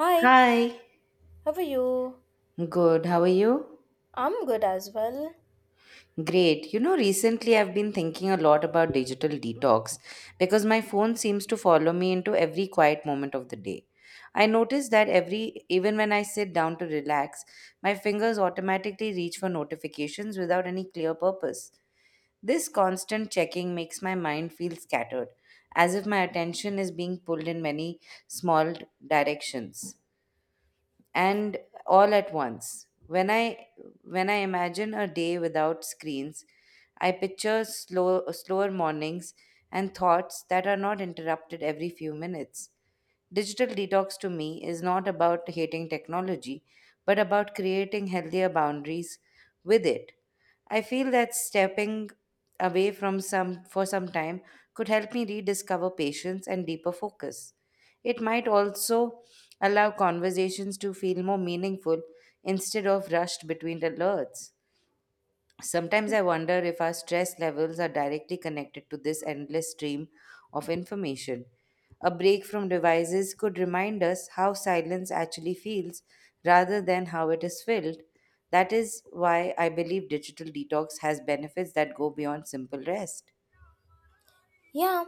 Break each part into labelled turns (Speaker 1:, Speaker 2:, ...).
Speaker 1: Hi,
Speaker 2: Hi,
Speaker 1: how are you?
Speaker 2: good. How are you?
Speaker 1: I'm good as well.
Speaker 2: Great. You know, recently I've been thinking a lot about digital detox because my phone seems to follow me into every quiet moment of the day. I notice that every, even when I sit down to relax, my fingers automatically reach for notifications without any clear purpose. This constant checking makes my mind feel scattered, as if my attention is being pulled in many small directions, and all at once. When I imagine a day without screens, I picture slower mornings and thoughts that are not interrupted every few minutes. Digital detox to me is not about hating technology, but about creating healthier boundaries with it. I feel that stepping away from some for some time could help me rediscover patience and deeper focus. It might also allow conversations to feel more meaningful instead of rushed between alerts. Sometimes I wonder if our stress levels are directly connected to this endless stream of information. A break from devices could remind us how silence actually feels rather than how it is filled. That is why I believe digital detox has benefits that go beyond simple rest.
Speaker 1: Yeah,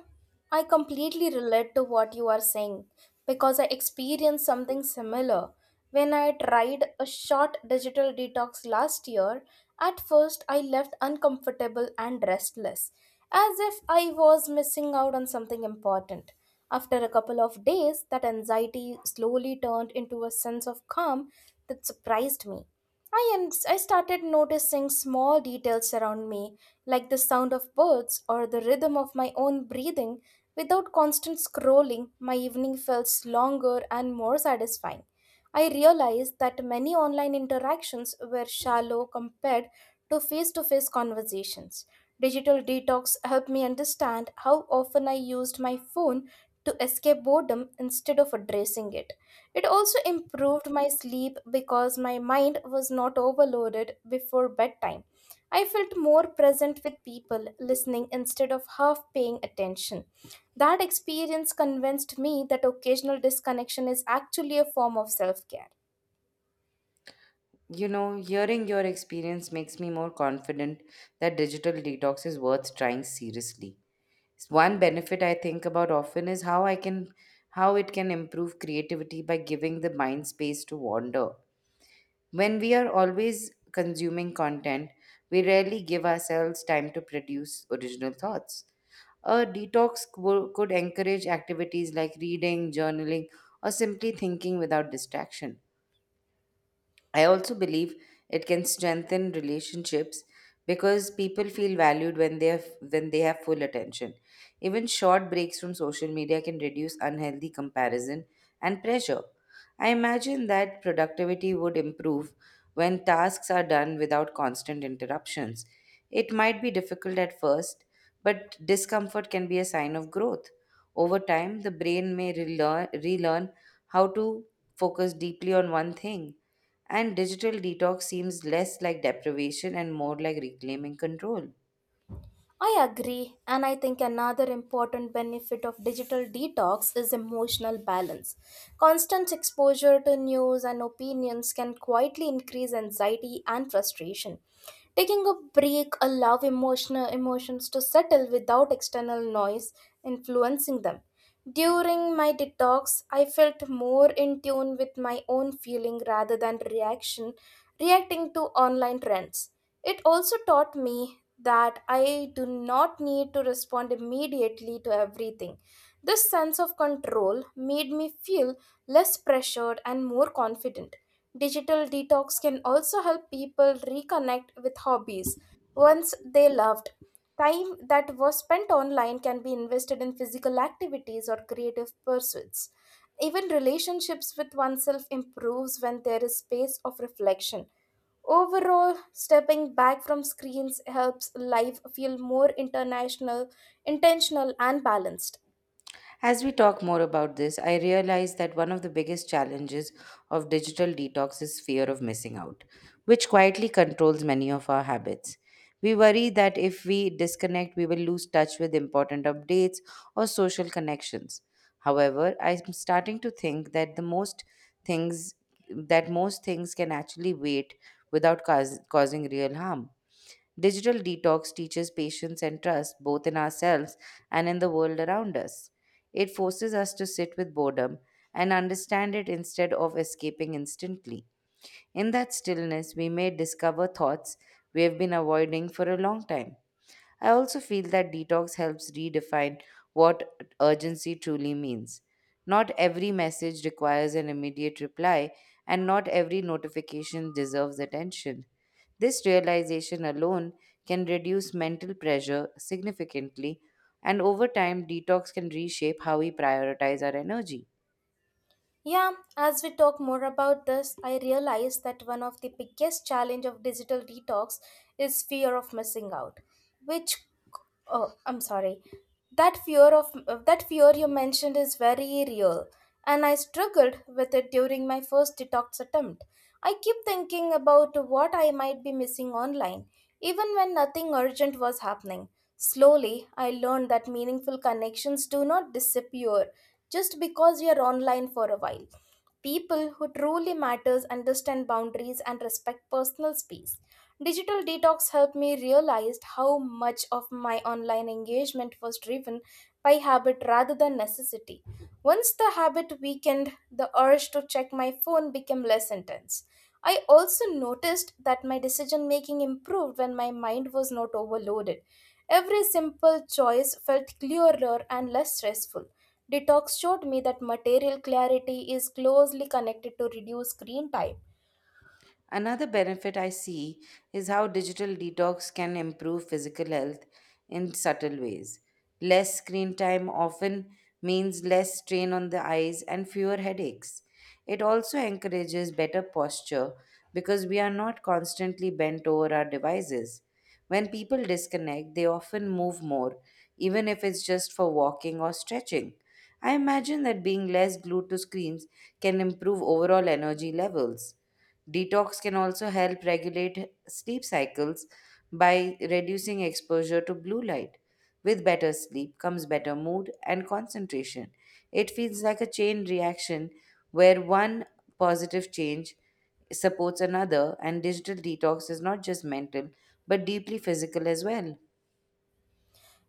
Speaker 1: I completely relate to what you are saying because I experienced something similar. When I tried a short digital detox last year, at first I left uncomfortable and restless, as if I was missing out on something important. After a couple of days, that anxiety slowly turned into a sense of calm that surprised me. I started noticing small details around me, like the sound of birds or the rhythm of my own breathing. Without constant scrolling, my evening felt longer and more satisfying. I realized that many online interactions were shallow compared to face conversations. Digital detox helped me understand how often I used my phone to escape boredom instead of addressing it. It also improved my sleep because my mind was not overloaded before bedtime. I felt more present with people, listening instead of half paying attention. That experience convinced me that occasional disconnection is actually a form of self care.
Speaker 2: You know, hearing your experience makes me more confident that digital detox is worth trying seriously. One benefit I think about often is how it can improve creativity by giving the mind space to wander. When we are always consuming content, we rarely give ourselves time to produce original thoughts. A could encourage activities like reading, journaling, or simply thinking without distraction. I also believe it can strengthen relationships because people feel valued when they have full attention. Even short breaks from social media can reduce unhealthy comparison and pressure. I imagine that productivity would improve when tasks are done without constant interruptions. It might be difficult at first, but discomfort can be a sign of growth. Over time, the brain may relearn how to focus deeply on one thing, and digital detox seems less like deprivation and more like reclaiming control.
Speaker 1: I agree, and I think another important benefit of digital detox is emotional balance. Constant exposure to news and opinions can quietly increase anxiety and frustration. Taking a break allows emotional emotions to settle without external noise influencing them. During my detox, I felt more in tune with my own feeling rather than reaction reacting to online trends. It also taught me that I do not need to respond immediately to everything. This sense of control made me feel less pressured and more confident. Digital detox can also help people reconnect with hobbies once they loved. Time that was spent online can be invested in physical activities or creative pursuits. Even relationships with oneself improves when there is space of reflection. Overall, stepping back from screens helps life feel more intentional, and balanced.
Speaker 2: As we talk more about this, I realize that one of the biggest challenges of digital detox is fear of missing out, which quietly controls many of our habits. We worry that if we disconnect, we will lose touch with important updates or social connections. However, I'm starting to think that the most things that most things can actually wait without causing real harm. Digital detox teaches patience and trust both in ourselves and in the world around us. It forces us to sit with boredom and understand it instead of escaping instantly. In that stillness, we may discover thoughts we have been avoiding for a long time. I also feel that detox helps redefine what urgency truly means. Not every message requires an immediate reply, and not every notification deserves attention. This realization alone can reduce mental pressure significantly, and over time, detox can reshape how we prioritize our energy.
Speaker 1: Yeah, as we talk more about this, I realize that one of the biggest challenge of digital detox is fear of missing out, which Oh, I'm sorry. That fear you mentioned is very real, and I struggled with it during my first detox attempt. I keep thinking about what I might be missing online, even when nothing urgent was happening. Slowly, I learned that meaningful connections do not disappear just because you're online for a while. People who truly matters understand boundaries and respect personal space. Digital detox helped me realize how much of my online engagement was driven by habit rather than necessity. Once the habit weakened, the urge to check my phone became less intense. I also noticed that my decision making improved when my mind was not overloaded. Every simple choice felt clearer and less stressful. Detox showed me that material clarity is closely connected to reduced screen time.
Speaker 2: Another benefit I see is how digital detox can improve physical health in subtle ways. Less screen time often means less strain on the eyes and fewer headaches. It also encourages better posture because we are not constantly bent over our devices. When people disconnect, they often move more, even if it's just for walking or stretching. I imagine that being less glued to screens can improve overall energy levels. Detox can also help regulate sleep cycles by reducing exposure to blue light. With better sleep comes better mood and concentration. It feels like a chain reaction where one positive change supports another, and digital detox is not just mental but deeply physical as well.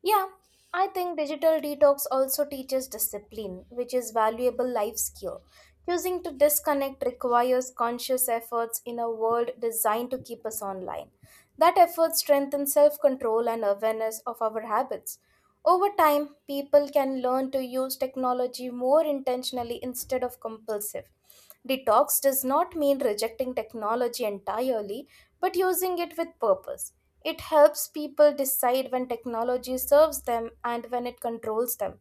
Speaker 1: Yeah, I think digital detox also teaches discipline, which is valuable life skill. Choosing to disconnect requires conscious efforts in a world designed to keep us online. That effort strengthens self-control and awareness of our habits. Over time, people can learn to use technology more intentionally instead of compulsive. Detox does not mean rejecting technology entirely, but using it with purpose. It helps people decide when technology serves them and when it controls them.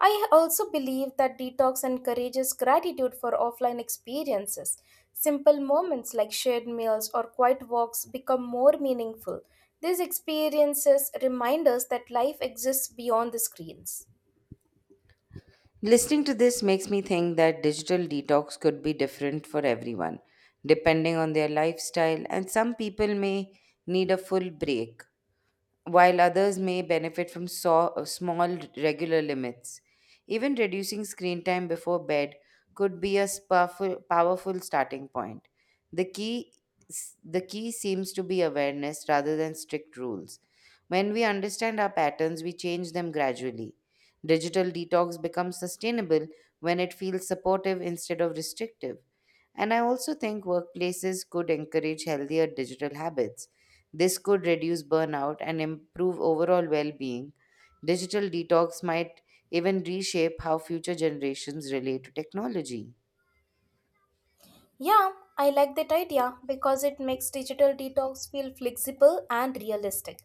Speaker 1: I also believe that detox encourages gratitude for offline experiences. Simple moments like shared meals or quiet walks become more meaningful. These experiences remind us that life exists beyond the screens.
Speaker 2: Listening to this makes me think that digital detox could be different for everyone, depending on their lifestyle, and some people may need a full break while others may benefit from small regular limits. Even reducing screen time before bed could be a powerful starting point. The key, the key seems to be awareness rather than strict rules. When we understand our patterns, we change them gradually. Digital detox becomes sustainable when it feels supportive instead of restrictive. And I also think workplaces could encourage healthier digital habits; this could reduce burnout and improve overall well being. Digital detox might even reshape how future generations relate to technology.
Speaker 1: Yeah, I like that idea because it makes digital detox feel flexible and realistic.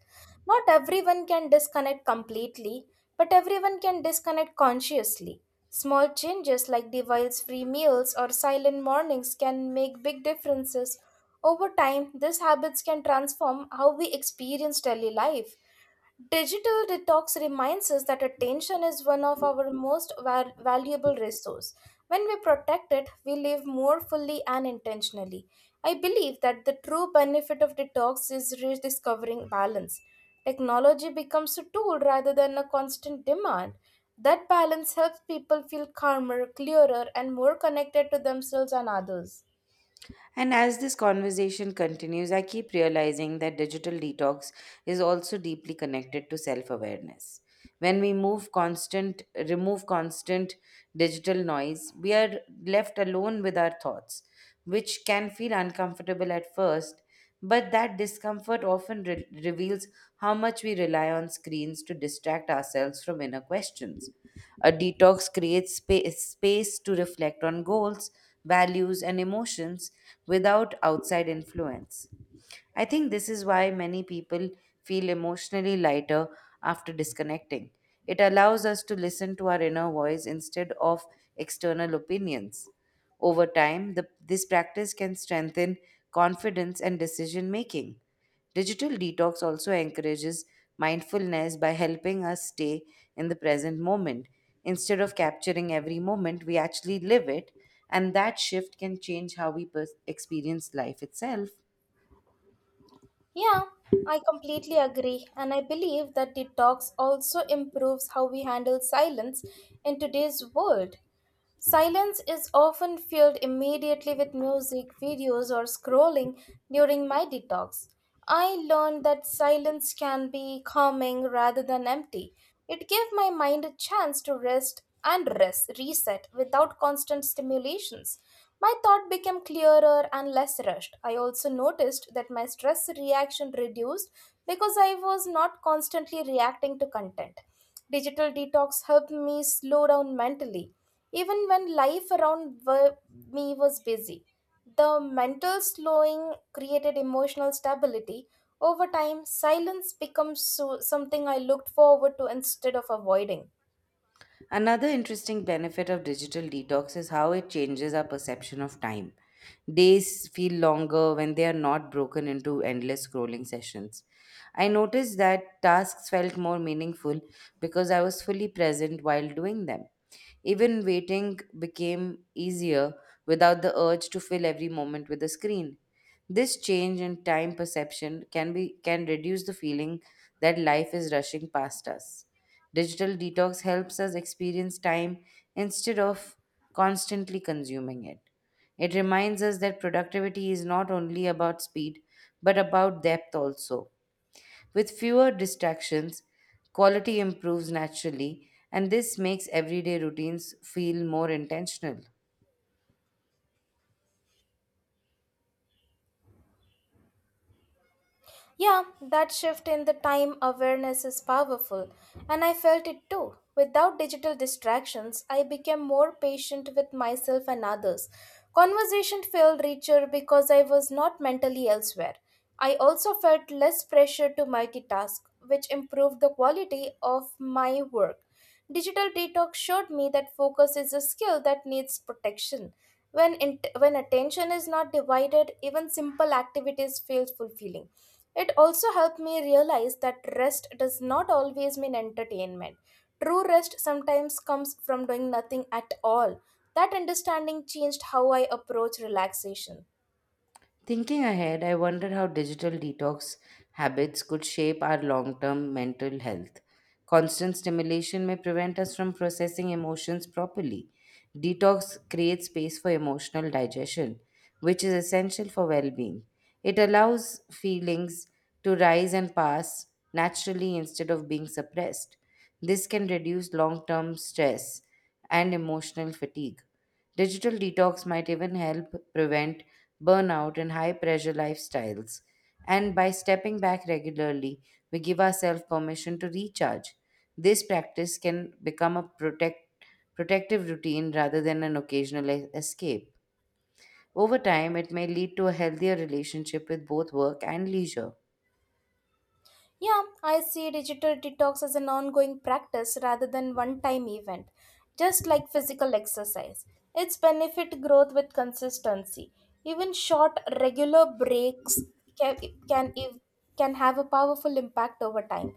Speaker 1: Not everyone can disconnect completely, but everyone can disconnect consciously. Small changes like device free meals or silent mornings can make big differences. Over time, these habits can transform how we experience daily life. Digital detox reminds us that attention is one of our most valuable resource. When we protect it, we live more fully and intentionally. I believe that the true benefit of detox is rediscovering balance. Technology becomes a tool rather than a constant demand. That balance helps people feel calmer, clearer, and more connected to themselves and others.
Speaker 2: And as this conversation continues, I keep realizing that digital detox is also deeply connected to self-awareness. When we remove constant digital noise, we are left alone with our thoughts, which can feel uncomfortable at first, but that discomfort often reveals how much we rely on screens to distract ourselves from inner questions. A detox creates space to reflect on goals, values, and emotions without outside influence. I think this is why many people feel emotionally lighter after disconnecting. It allows us to listen to our inner voice instead of external opinions. Over time, this practice can strengthen confidence and decision making. Digital detox also encourages mindfulness by helping us stay in the present moment. Instead of capturing every moment, we actually live it, and that shift can change how we experience life itself.
Speaker 1: Yeah, I completely agree, and I believe that detox also improves how we handle silence in today's world. Silence is often filled immediately with music, videos, or scrolling during my detox. I learned that silence can be calming rather than empty. It gave my mind a chance to reset without constant stimulations. My thought became clearer and less rushed. I also noticed that my stress reaction reduced because I was not constantly reacting to content. Digital detox helped me slow down mentally, even when me was busy. The mental slowing created emotional stability. Over time, silence becomes something I looked forward to instead of avoiding.
Speaker 2: Another interesting benefit of digital detox is how it changes our perception of time. Days feel longer when they are not broken into endless scrolling sessions. I noticed that tasks felt more meaningful because I was fully present while doing them. Even waiting became easier without the urge to fill every moment with a screen. This change in time perception can reduce the feeling that life is rushing past us. Digital detox helps us experience time instead of constantly consuming it. It reminds us that productivity is not only about speed, but about depth also. With fewer distractions, quality improves naturally, and this makes everyday routines feel more intentional.
Speaker 1: Yeah, that shift in the time awareness is powerful, and I felt it too. Without digital distractions, I became more patient with myself and others. Conversation felt richer because I was not mentally elsewhere. I also felt less pressure to multitask, which improved the quality of my work. Digital detox showed me that focus is a skill that needs protection. When attention is not divided, even simple activities feel fulfilling. It also helped me realize that rest does not always mean entertainment. True rest sometimes comes from doing nothing at all. That understanding changed how I approach relaxation.
Speaker 2: Thinking ahead, I wonder how digital detox habits could shape our long term mental health. Constant stimulation may prevent us from processing emotions properly. Detox creates space for emotional digestion, which is essential for well being. It allows feelings to rise and pass naturally instead of being suppressed. This can reduce long term stress and emotional fatigue. Digital detox might even help prevent burnout in high pressure lifestyles. And by stepping back regularly, we give ourselves permission to recharge. This practice can become a protective routine rather than an occasional escape. Over time, it may lead to a healthier relationship with both work and leisure.
Speaker 1: Yeah, I see digital detox as an ongoing practice rather than one time event, just like physical exercise. Its benefit growth with consistency. Even short regular breaks can can, ev- can have a powerful impact over time.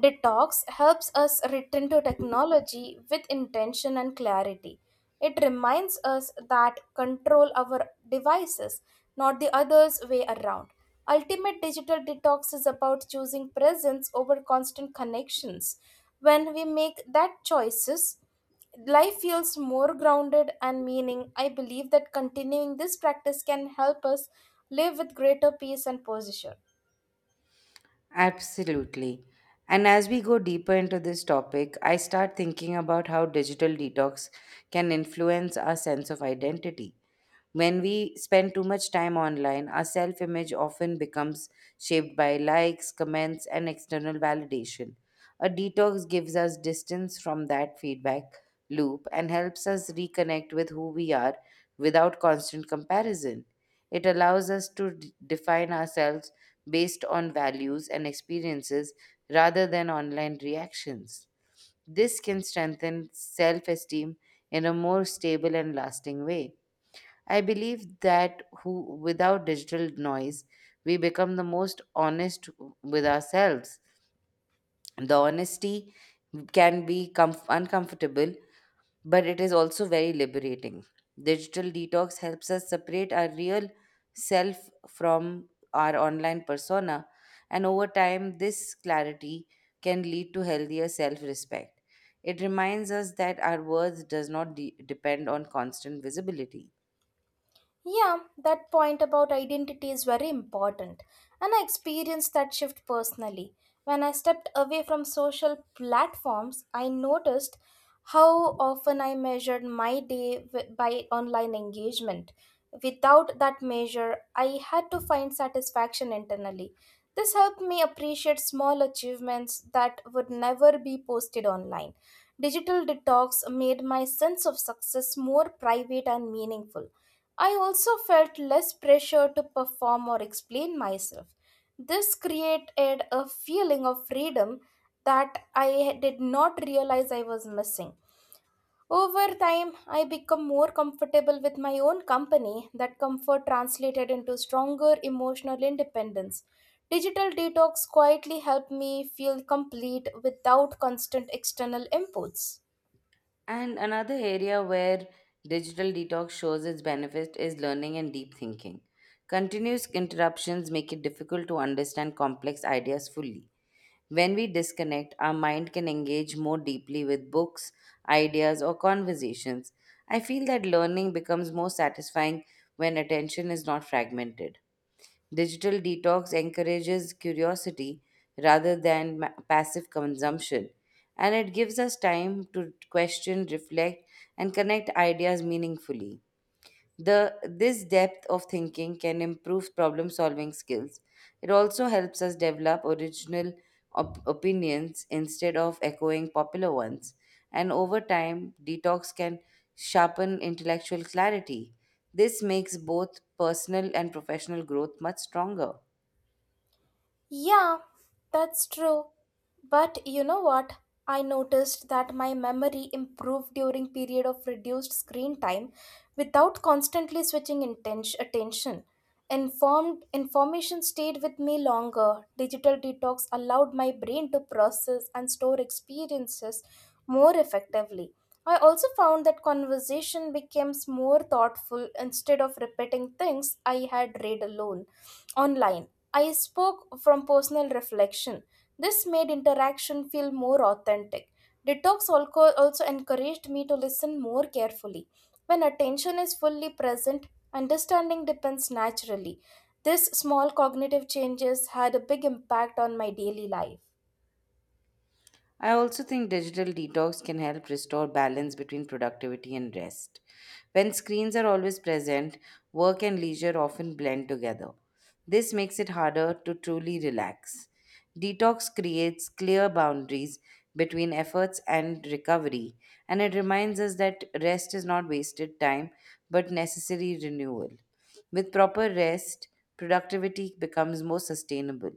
Speaker 1: Detox helps us return to technology with intention and clarity. It reminds us that control our devices, not the other's way around. Ultimate digital detox is about choosing presence over constant connections. When we make that choices, life feels more grounded and meaning. I believe that continuing this practice can help us live with greater peace and posture.
Speaker 2: Absolutely. And as we go deeper into this topic, I start thinking about how digital detox can influence our sense of identity. When we spend too much time online, our self image often becomes shaped by likes, comments, and external validation. A detox gives us distance from that feedback loop and helps us reconnect with who we are without constant comparison. It allows us to define ourselves based on values and experiences rather than online reactions. This can strengthen self esteem in a more stable and lasting way. I believe that without digital noise, we become the most honest with ourselves. The honesty can be uncomfortable, but it is also very liberating. Digital detox helps us separate our real self from our online persona, and over time, this clarity can lead to healthier self respect. It reminds us that our worth does not depend on constant visibility.
Speaker 1: Yeah, that point about identity is very important, and I experienced that shift personally. When I stepped away from social platforms, I noticed how often I measured my by online engagement. Without that measure, I had to find satisfaction internally. This helped me appreciate small achievements that would never be posted online. Digital detox made my sense of success more private and meaningful. I also felt less pressure to perform or explain myself. This created a feeling of freedom that I did not realize I was missing. Over time, I became more comfortable with my own company. That comfort translated into stronger emotional independence. Digital detox quietly helped me feel complete without constant external inputs.
Speaker 2: And another area where digital detox shows its benefit is learning and deep thinking. Continuous interruptions make it difficult to understand complex ideas fully. When we disconnect, our mind can engage more deeply with books, ideas, or conversations. I feel that learning becomes more satisfying when attention is not fragmented. Digital detox encourages curiosity rather than passive consumption, and it gives us time to question, reflect, and connect ideas meaningfully. The this depth of thinking can improve problem solving skills. It also helps us develop original opinions instead of echoing popular ones. And over time, detox can sharpen intellectual clarity. This makes both personal and professional growth much stronger.
Speaker 1: Yeah, that's true. But you know what? I noticed that my memory improved during period of reduced screen time without constantly switching intention attention. Informed Information stayed with me longer. Digital detox allowed my brain to process and store experiences more effectively. I also found that conversation becomes more thoughtful instead of repeating things I had read alone online I spoke from personal reflection. This made interaction feel more authentic. Detox also encouraged me to listen more carefully. When attention is fully present, understanding depends naturally. This small cognitive changes had a big impact on my daily life.
Speaker 2: I also think digital detox can help restore balance between productivity and rest. When screens are always present, work and leisure often blend together. This makes it harder to truly relax. Detox creates clear boundaries between efforts and recovery, and it reminds us that rest is not wasted time but necessary renewal. With proper rest, productivity becomes more sustainable.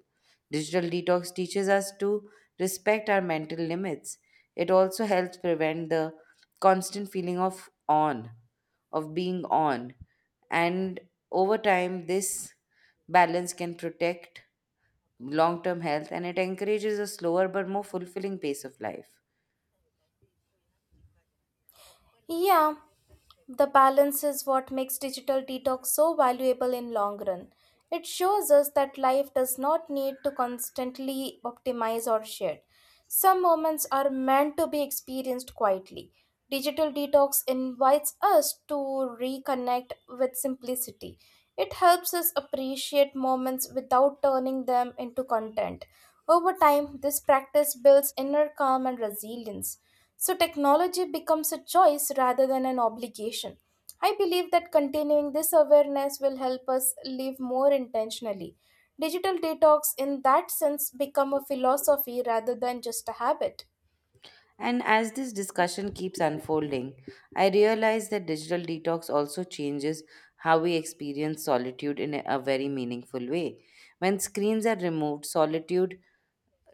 Speaker 2: Digital detox teaches us to respect our mental limits. It also helps prevent the constant of being on. And over time, this balance can protect long term health, and it encourages a slower but more fulfilling pace of life.
Speaker 1: Yeah, the balance is what makes digital detox so valuable in long run. It shows us that life does not need to constantly optimize or share. Some moments are meant to be experienced quietly. Digital detox invites us to reconnect with simplicity. It helps us appreciate moments without turning them into content. Over time, this practice builds inner calm and resilience. So, technology becomes a choice rather than an obligation. I believe that continuing this awareness will help us live more intentionally. Digital detox, in that sense, become a philosophy rather than just a habit.
Speaker 2: And as this discussion keeps unfolding, I realize that digital detox also changes how we experience solitude in a very meaningful way. When screens are removed, solitude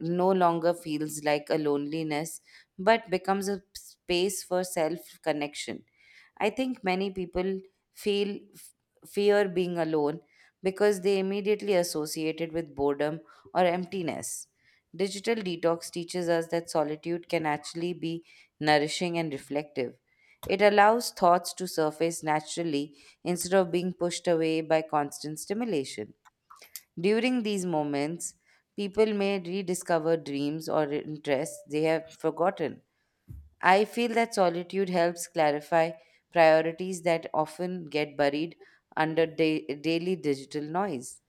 Speaker 2: no longer feels like a loneliness but becomes a space for self connection. I think many people feel f- fear being alone because they immediately associate it with boredom or emptiness. Digital detox teaches us that solitude can actually be nourishing and reflective. It allows thoughts to surface naturally instead of being pushed away by constant stimulation. During these moments, people may rediscover dreams or interests they have forgotten. I feel that solitude helps clarify priorities that often get buried under daily digital noise.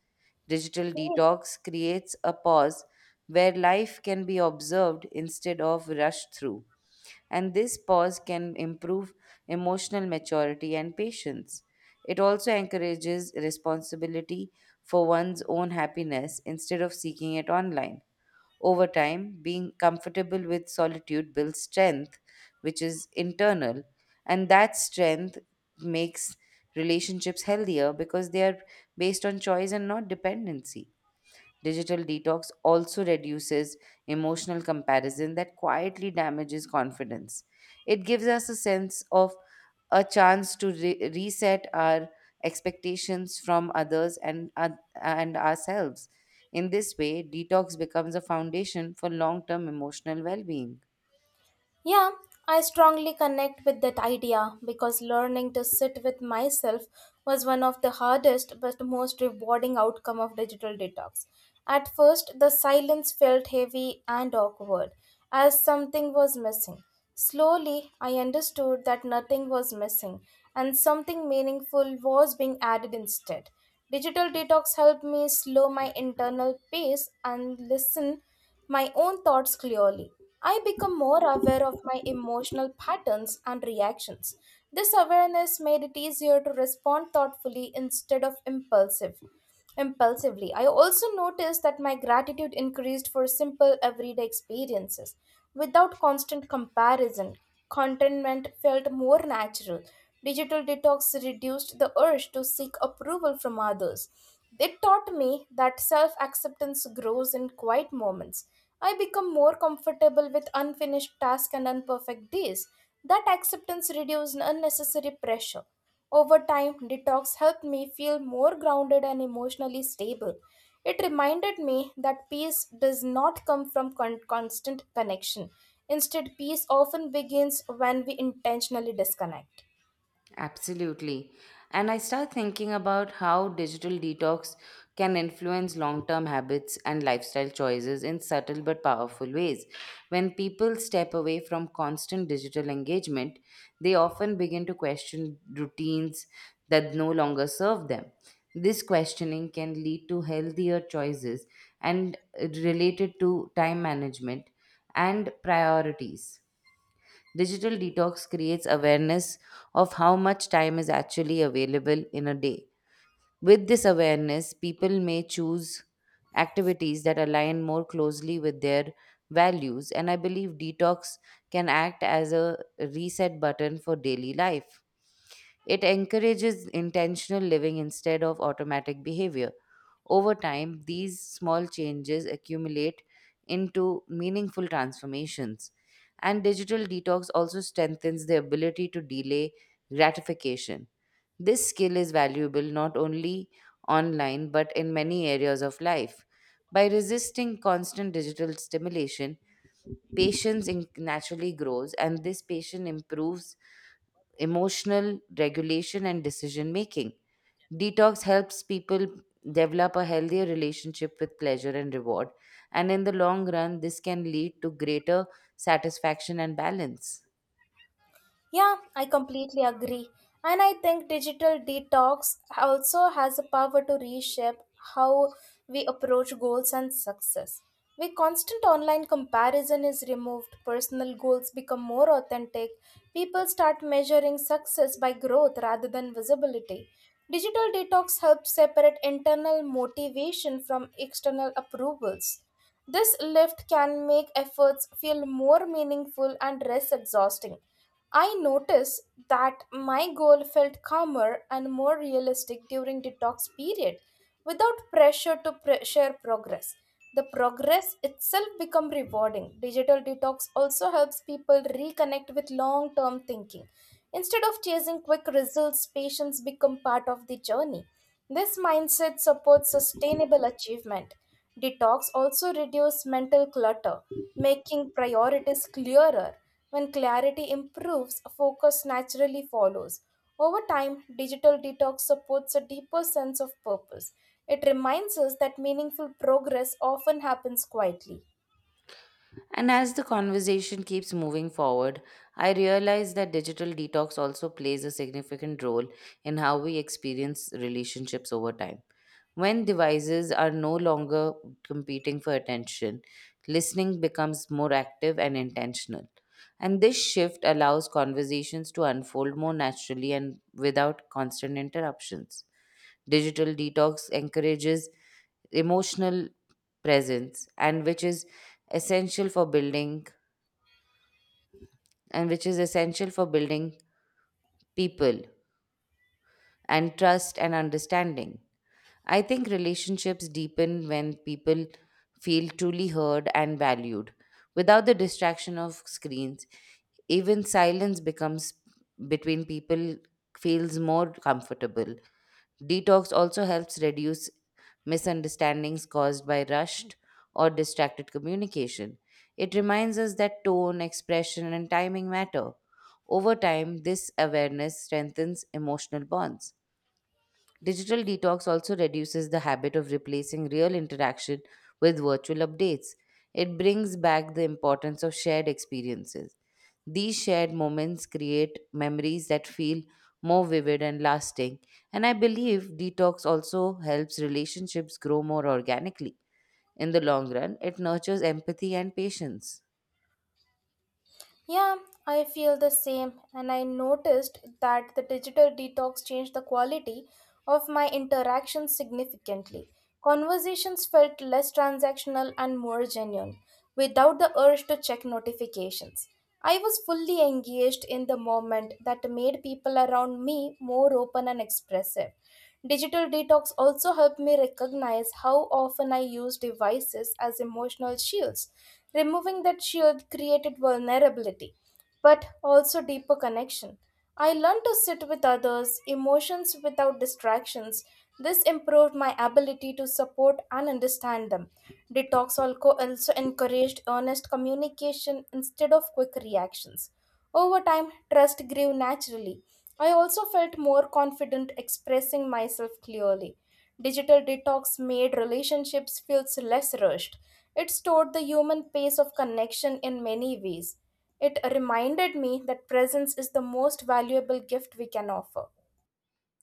Speaker 2: Digital detox creates a pause where life can be observed instead of rushed through, and this pause can improve emotional maturity and patience. It also encourages responsibility for one's own happiness instead of seeking it online. Over time, being comfortable with solitude builds strength, which is internal, and that strength makes relationships healthier because they are based on choice and not dependency. Digital detox also reduces emotional comparison that quietly damages confidence. It gives us a sense of a chance to reset our expectations from others and ourselves. In this way, detox becomes a foundation for long term emotional well being.
Speaker 1: Yeah, I strongly connect with that idea because learning to sit with myself was one of the hardest but most rewarding outcome of digital detox. At first, the silence felt heavy and awkward as something was missing. Slowly, I understood that nothing was missing and something meaningful was being added instead. Digital detox helped me slow my internal pace and listen my own thoughts clearly. I become more aware of my emotional patterns and reactions. This awareness made it easier to respond thoughtfully instead of impulsively. I also noticed that my gratitude increased for simple everyday experiences. Without constant comparison, contentment felt more natural. Digital detox reduced the urge to seek approval from others. It taught me that self acceptance grows in quiet moments. I become more comfortable with unfinished tasks and imperfect days. That acceptance reduced unnecessary pressure. Over time, detox helped me feel more grounded and emotionally stable. It reminded me that peace does not come from constant connection. Instead, peace often begins when we intentionally disconnect.
Speaker 2: Absolutely. And I start thinking about how digital detox can influence long term habits and lifestyle choices in subtle but powerful ways. When people step away from constant digital engagement, they often begin to question routines that no longer serve them. This questioning can lead to healthier choices and related to time management and priorities. Digital detox creates awareness of how much time is actually available in a day. With this awareness, people may choose activities that align more closely with their values, and I believe detox can act as a reset button for daily life. It encourages intentional living instead of automatic behavior. Over time, these small changes accumulate into meaningful transformations. And digital detox also strengthens the ability to delay gratification. This skill is valuable not only online but in many areas of life. By resisting constant digital stimulation, naturally grows, and this patience improves emotional regulation and decision making. Detox helps people develop a healthier relationship with pleasure and reward. And in the long run, this can lead to greater satisfaction and balance.
Speaker 1: Yeah, I completely agree. And I think digital detox also has the power to reshape how we approach goals and success. With constant online comparison is removed, personal goals become more authentic, people start measuring success by growth rather than visibility. Digital detox helps separate internal motivation from external approvals. This lift can make efforts feel more meaningful and less exhausting. I noticed that my goal felt calmer and more realistic during detox period without pressure to share progress. The progress itself become rewarding. Digital detox also helps people reconnect with long-term thinking. Instead of chasing quick results, patience become part of the journey. This mindset supports sustainable achievement. Detox also reduce mental clutter, making priorities clearer. When clarity improves, focus naturally follows. Over time, digital detox supports a deeper sense of purpose. It reminds us that meaningful progress often happens quietly.
Speaker 2: And as the conversation keeps moving forward, I realize that digital detox also plays a significant role in how we experience relationships over time. When devices are no longer competing for attention, listening becomes more active and intentional. And this shift allows conversations to unfold more naturally and without constant interruptions. Digital detox encourages emotional presence, essential for building and which is essential for building people and trust and understanding. I think relationships deepen when people feel truly heard and valued. Without the distraction of screens, even silence becomes between people feels more comfortable. Detox also helps reduce misunderstandings caused by rushed or distracted communication. It reminds us that tone, expression, and timing matter. Over time, this awareness strengthens emotional bonds. Digital detox also reduces the habit of replacing real interaction with virtual updates. It brings back the importance of shared experiences. These shared moments create memories that feel more vivid and lasting. And I believe detox also helps relationships grow more organically. In the long run, it nurtures empathy and patience.
Speaker 1: Yeah, I feel the same, and I noticed that the digital detox changed the quality of my interactions significantly. Conversations felt less transactional and more genuine, without the urge to check notifications. I was fully engaged in the moment that made people around me more open and expressive. Digital detox also helped me recognize how often I use devices as emotional shields. Removing that shield created vulnerability, but also deeper connection. I learned to sit with others, emotions without distractions. This improved my ability to support and understand them. Detox also encouraged honest communication instead of quick reactions. Over time, trust grew naturally. I also felt more confident expressing myself clearly. Digital detox made relationships feels less rushed. It stored the human pace of connection in many ways. It reminded me that presence is the most valuable gift we can offer.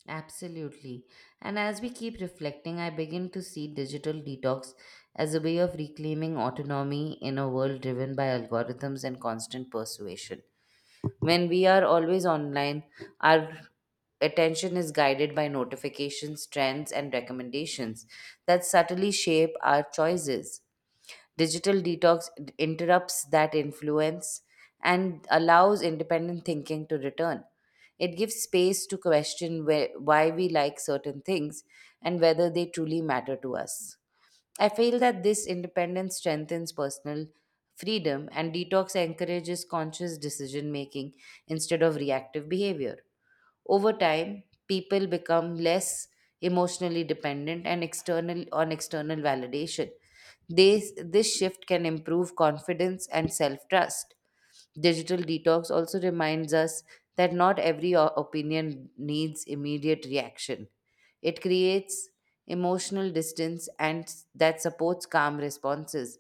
Speaker 2: Absolutely. And as we keep reflecting, I begin to see digital detox as a way of reclaiming autonomy in a world driven by algorithms and constant persuasion. When we are always online, our attention is guided by notifications, trends, and recommendations that subtly shape our choices. Digital detox interrupts that influence and allows independent thinking to return. It gives space to question where, why we like certain things and whether they truly matter to us. I feel that this independence strengthens personal freedom, and detox encourages conscious decision making instead of reactive behavior. Over time, people become less emotionally dependent and external on external validation. This shift can improve confidence and self-trust. Digital detox also reminds us that not every opinion needs immediate reaction. It creates emotional distance that supports calm responses.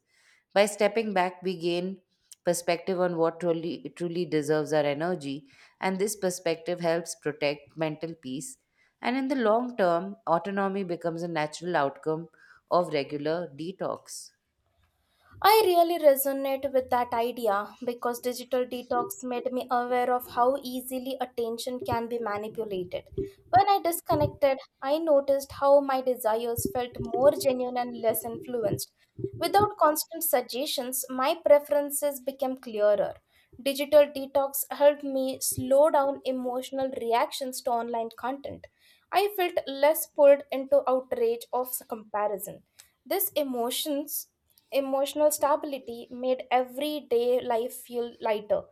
Speaker 2: By stepping back, we gain perspective on what truly deserves our energy, and this perspective helps protect mental peace. And in the long term, autonomy becomes a natural outcome of regular detox.
Speaker 1: I really resonate with that idea because digital detox made me aware of how easily attention can be manipulated. When I disconnected, I noticed how my desires felt more genuine and less influenced. Without constant suggestions, my preferences became clearer. Digital detox helped me slow down emotional reactions to online content. I felt less pulled into outrage of comparison. These emotions emotional stability made everyday life feel lighter.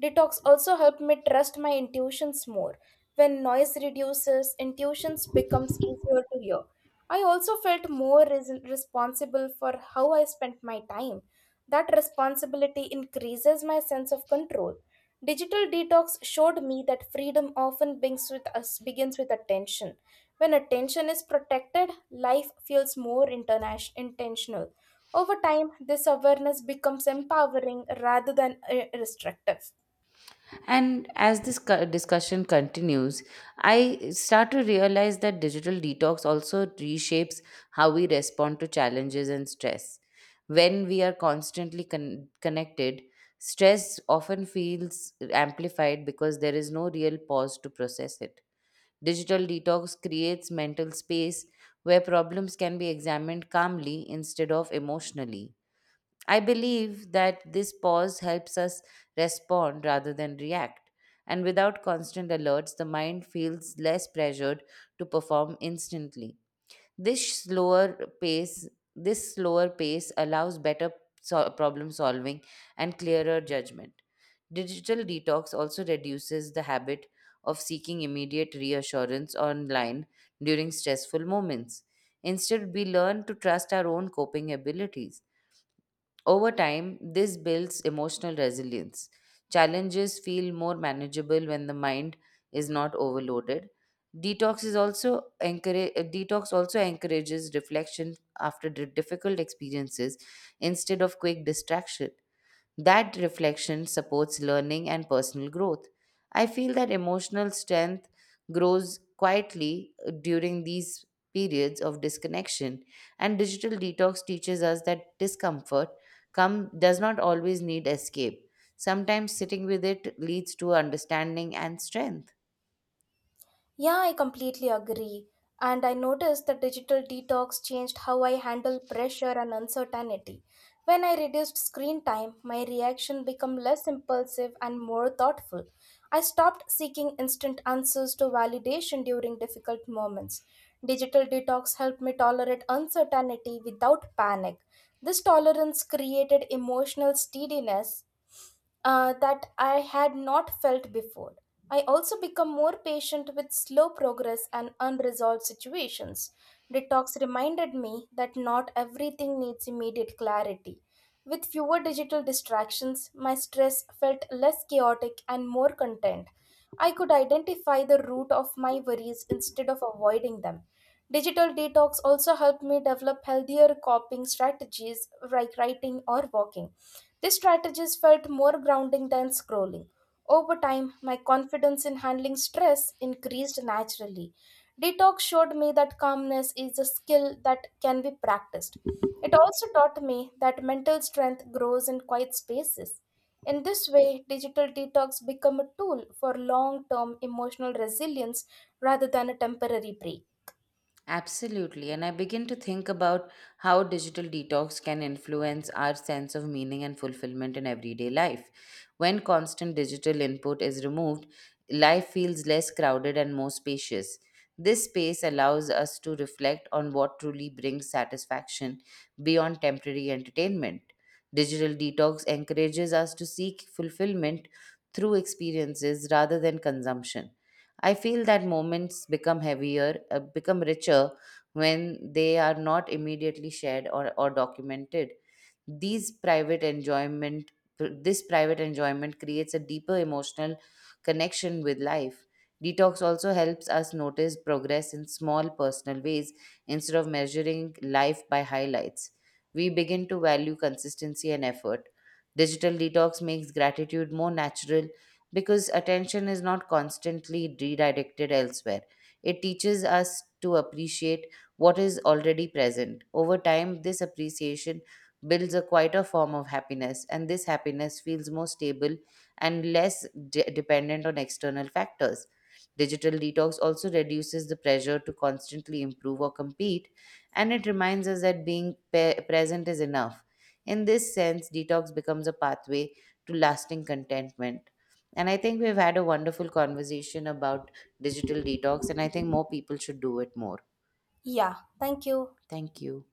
Speaker 1: Detox also helped me trust my intuitions more. When noise reduces, intuitions becomes easier to hear. I also felt more responsible for how I spent my time. That responsibility increases my sense of control. Digital detox showed me that freedom often begins with us, begins with attention. When attention is protected, life feels more intentional. Over time, this awareness becomes empowering rather than restrictive.
Speaker 2: And as this discussion continues, I start to realize that digital detox also reshapes how we respond to challenges and stress. When we are constantly connected, stress often feels amplified because there is no real pause to process it. Digital detox creates mental space where problems can be examined calmly instead of emotionally. I believe that this pause helps us respond rather than react. And without constant alerts, the mind feels less pressured to perform instantly. This slower pace, this slower pace allows better problem solving and clearer judgment. Digital detox also reduces the habit of seeking immediate reassurance online during stressful moments. Instead, we learn to trust our own coping abilities. Over time, this builds emotional resilience. Challenges feel more manageable when the mind is not overloaded. Detox also encourages reflection after difficult experiences instead of quick distraction. That reflection supports learning and personal growth. I feel that emotional strength grows quietly during these periods of disconnection, and digital detox teaches us that does not always need escape. Sometimes sitting with it leads to understanding and strength.
Speaker 1: Yeah, I completely agree. And I noticed that digital detox changed how I handle pressure and uncertainty. When I reduced screen time, my reaction became less impulsive and more thoughtful. I stopped seeking instant answers to validation during difficult moments. Digital detox helped me tolerate uncertainty without panic. This tolerance created emotional steadiness that I had not felt before. I also become more patient with slow progress and unresolved situations. Detox reminded me that not everything needs immediate clarity. With fewer digital distractions, my stress felt less chaotic and more content. I could identify the root of my worries instead of avoiding them. Digital detox also helped me develop healthier coping strategies like writing or walking. These strategies felt more grounding than scrolling. Over time, my confidence in handling stress increased naturally. Detox showed me that calmness is a skill that can be practiced. It also taught me that mental strength grows in quiet spaces. In this way, digital detox become a tool for long-term emotional resilience rather than a temporary break.
Speaker 2: Absolutely. And I begin to think about how digital detox can influence our sense of meaning and fulfillment in everyday life. When constant digital input is removed, life feels less crowded and more spacious. This space allows us to reflect on what truly brings satisfaction beyond temporary entertainment. Digital detox encourages us to seek fulfillment through experiences rather than consumption. I feel that moments become richer when they are not immediately shared or documented. These private enjoyment, this private enjoyment creates a deeper emotional connection with life. Detox also helps us notice progress in small personal ways instead of measuring life by highlights. We begin to value consistency and effort. Digital detox makes gratitude more natural because attention is not constantly redirected elsewhere. It teaches us to appreciate what is already present. Over time, this appreciation builds a quieter form of happiness, and this happiness feels more stable and less dependent on external factors. Digital detox also reduces the pressure to constantly improve or compete, and it reminds us that being present is enough. In this sense, detox becomes a pathway to lasting contentment. And I think we've had a wonderful conversation about digital detox, and I think more people should do it more.
Speaker 1: Yeah, thank you.
Speaker 2: Thank you.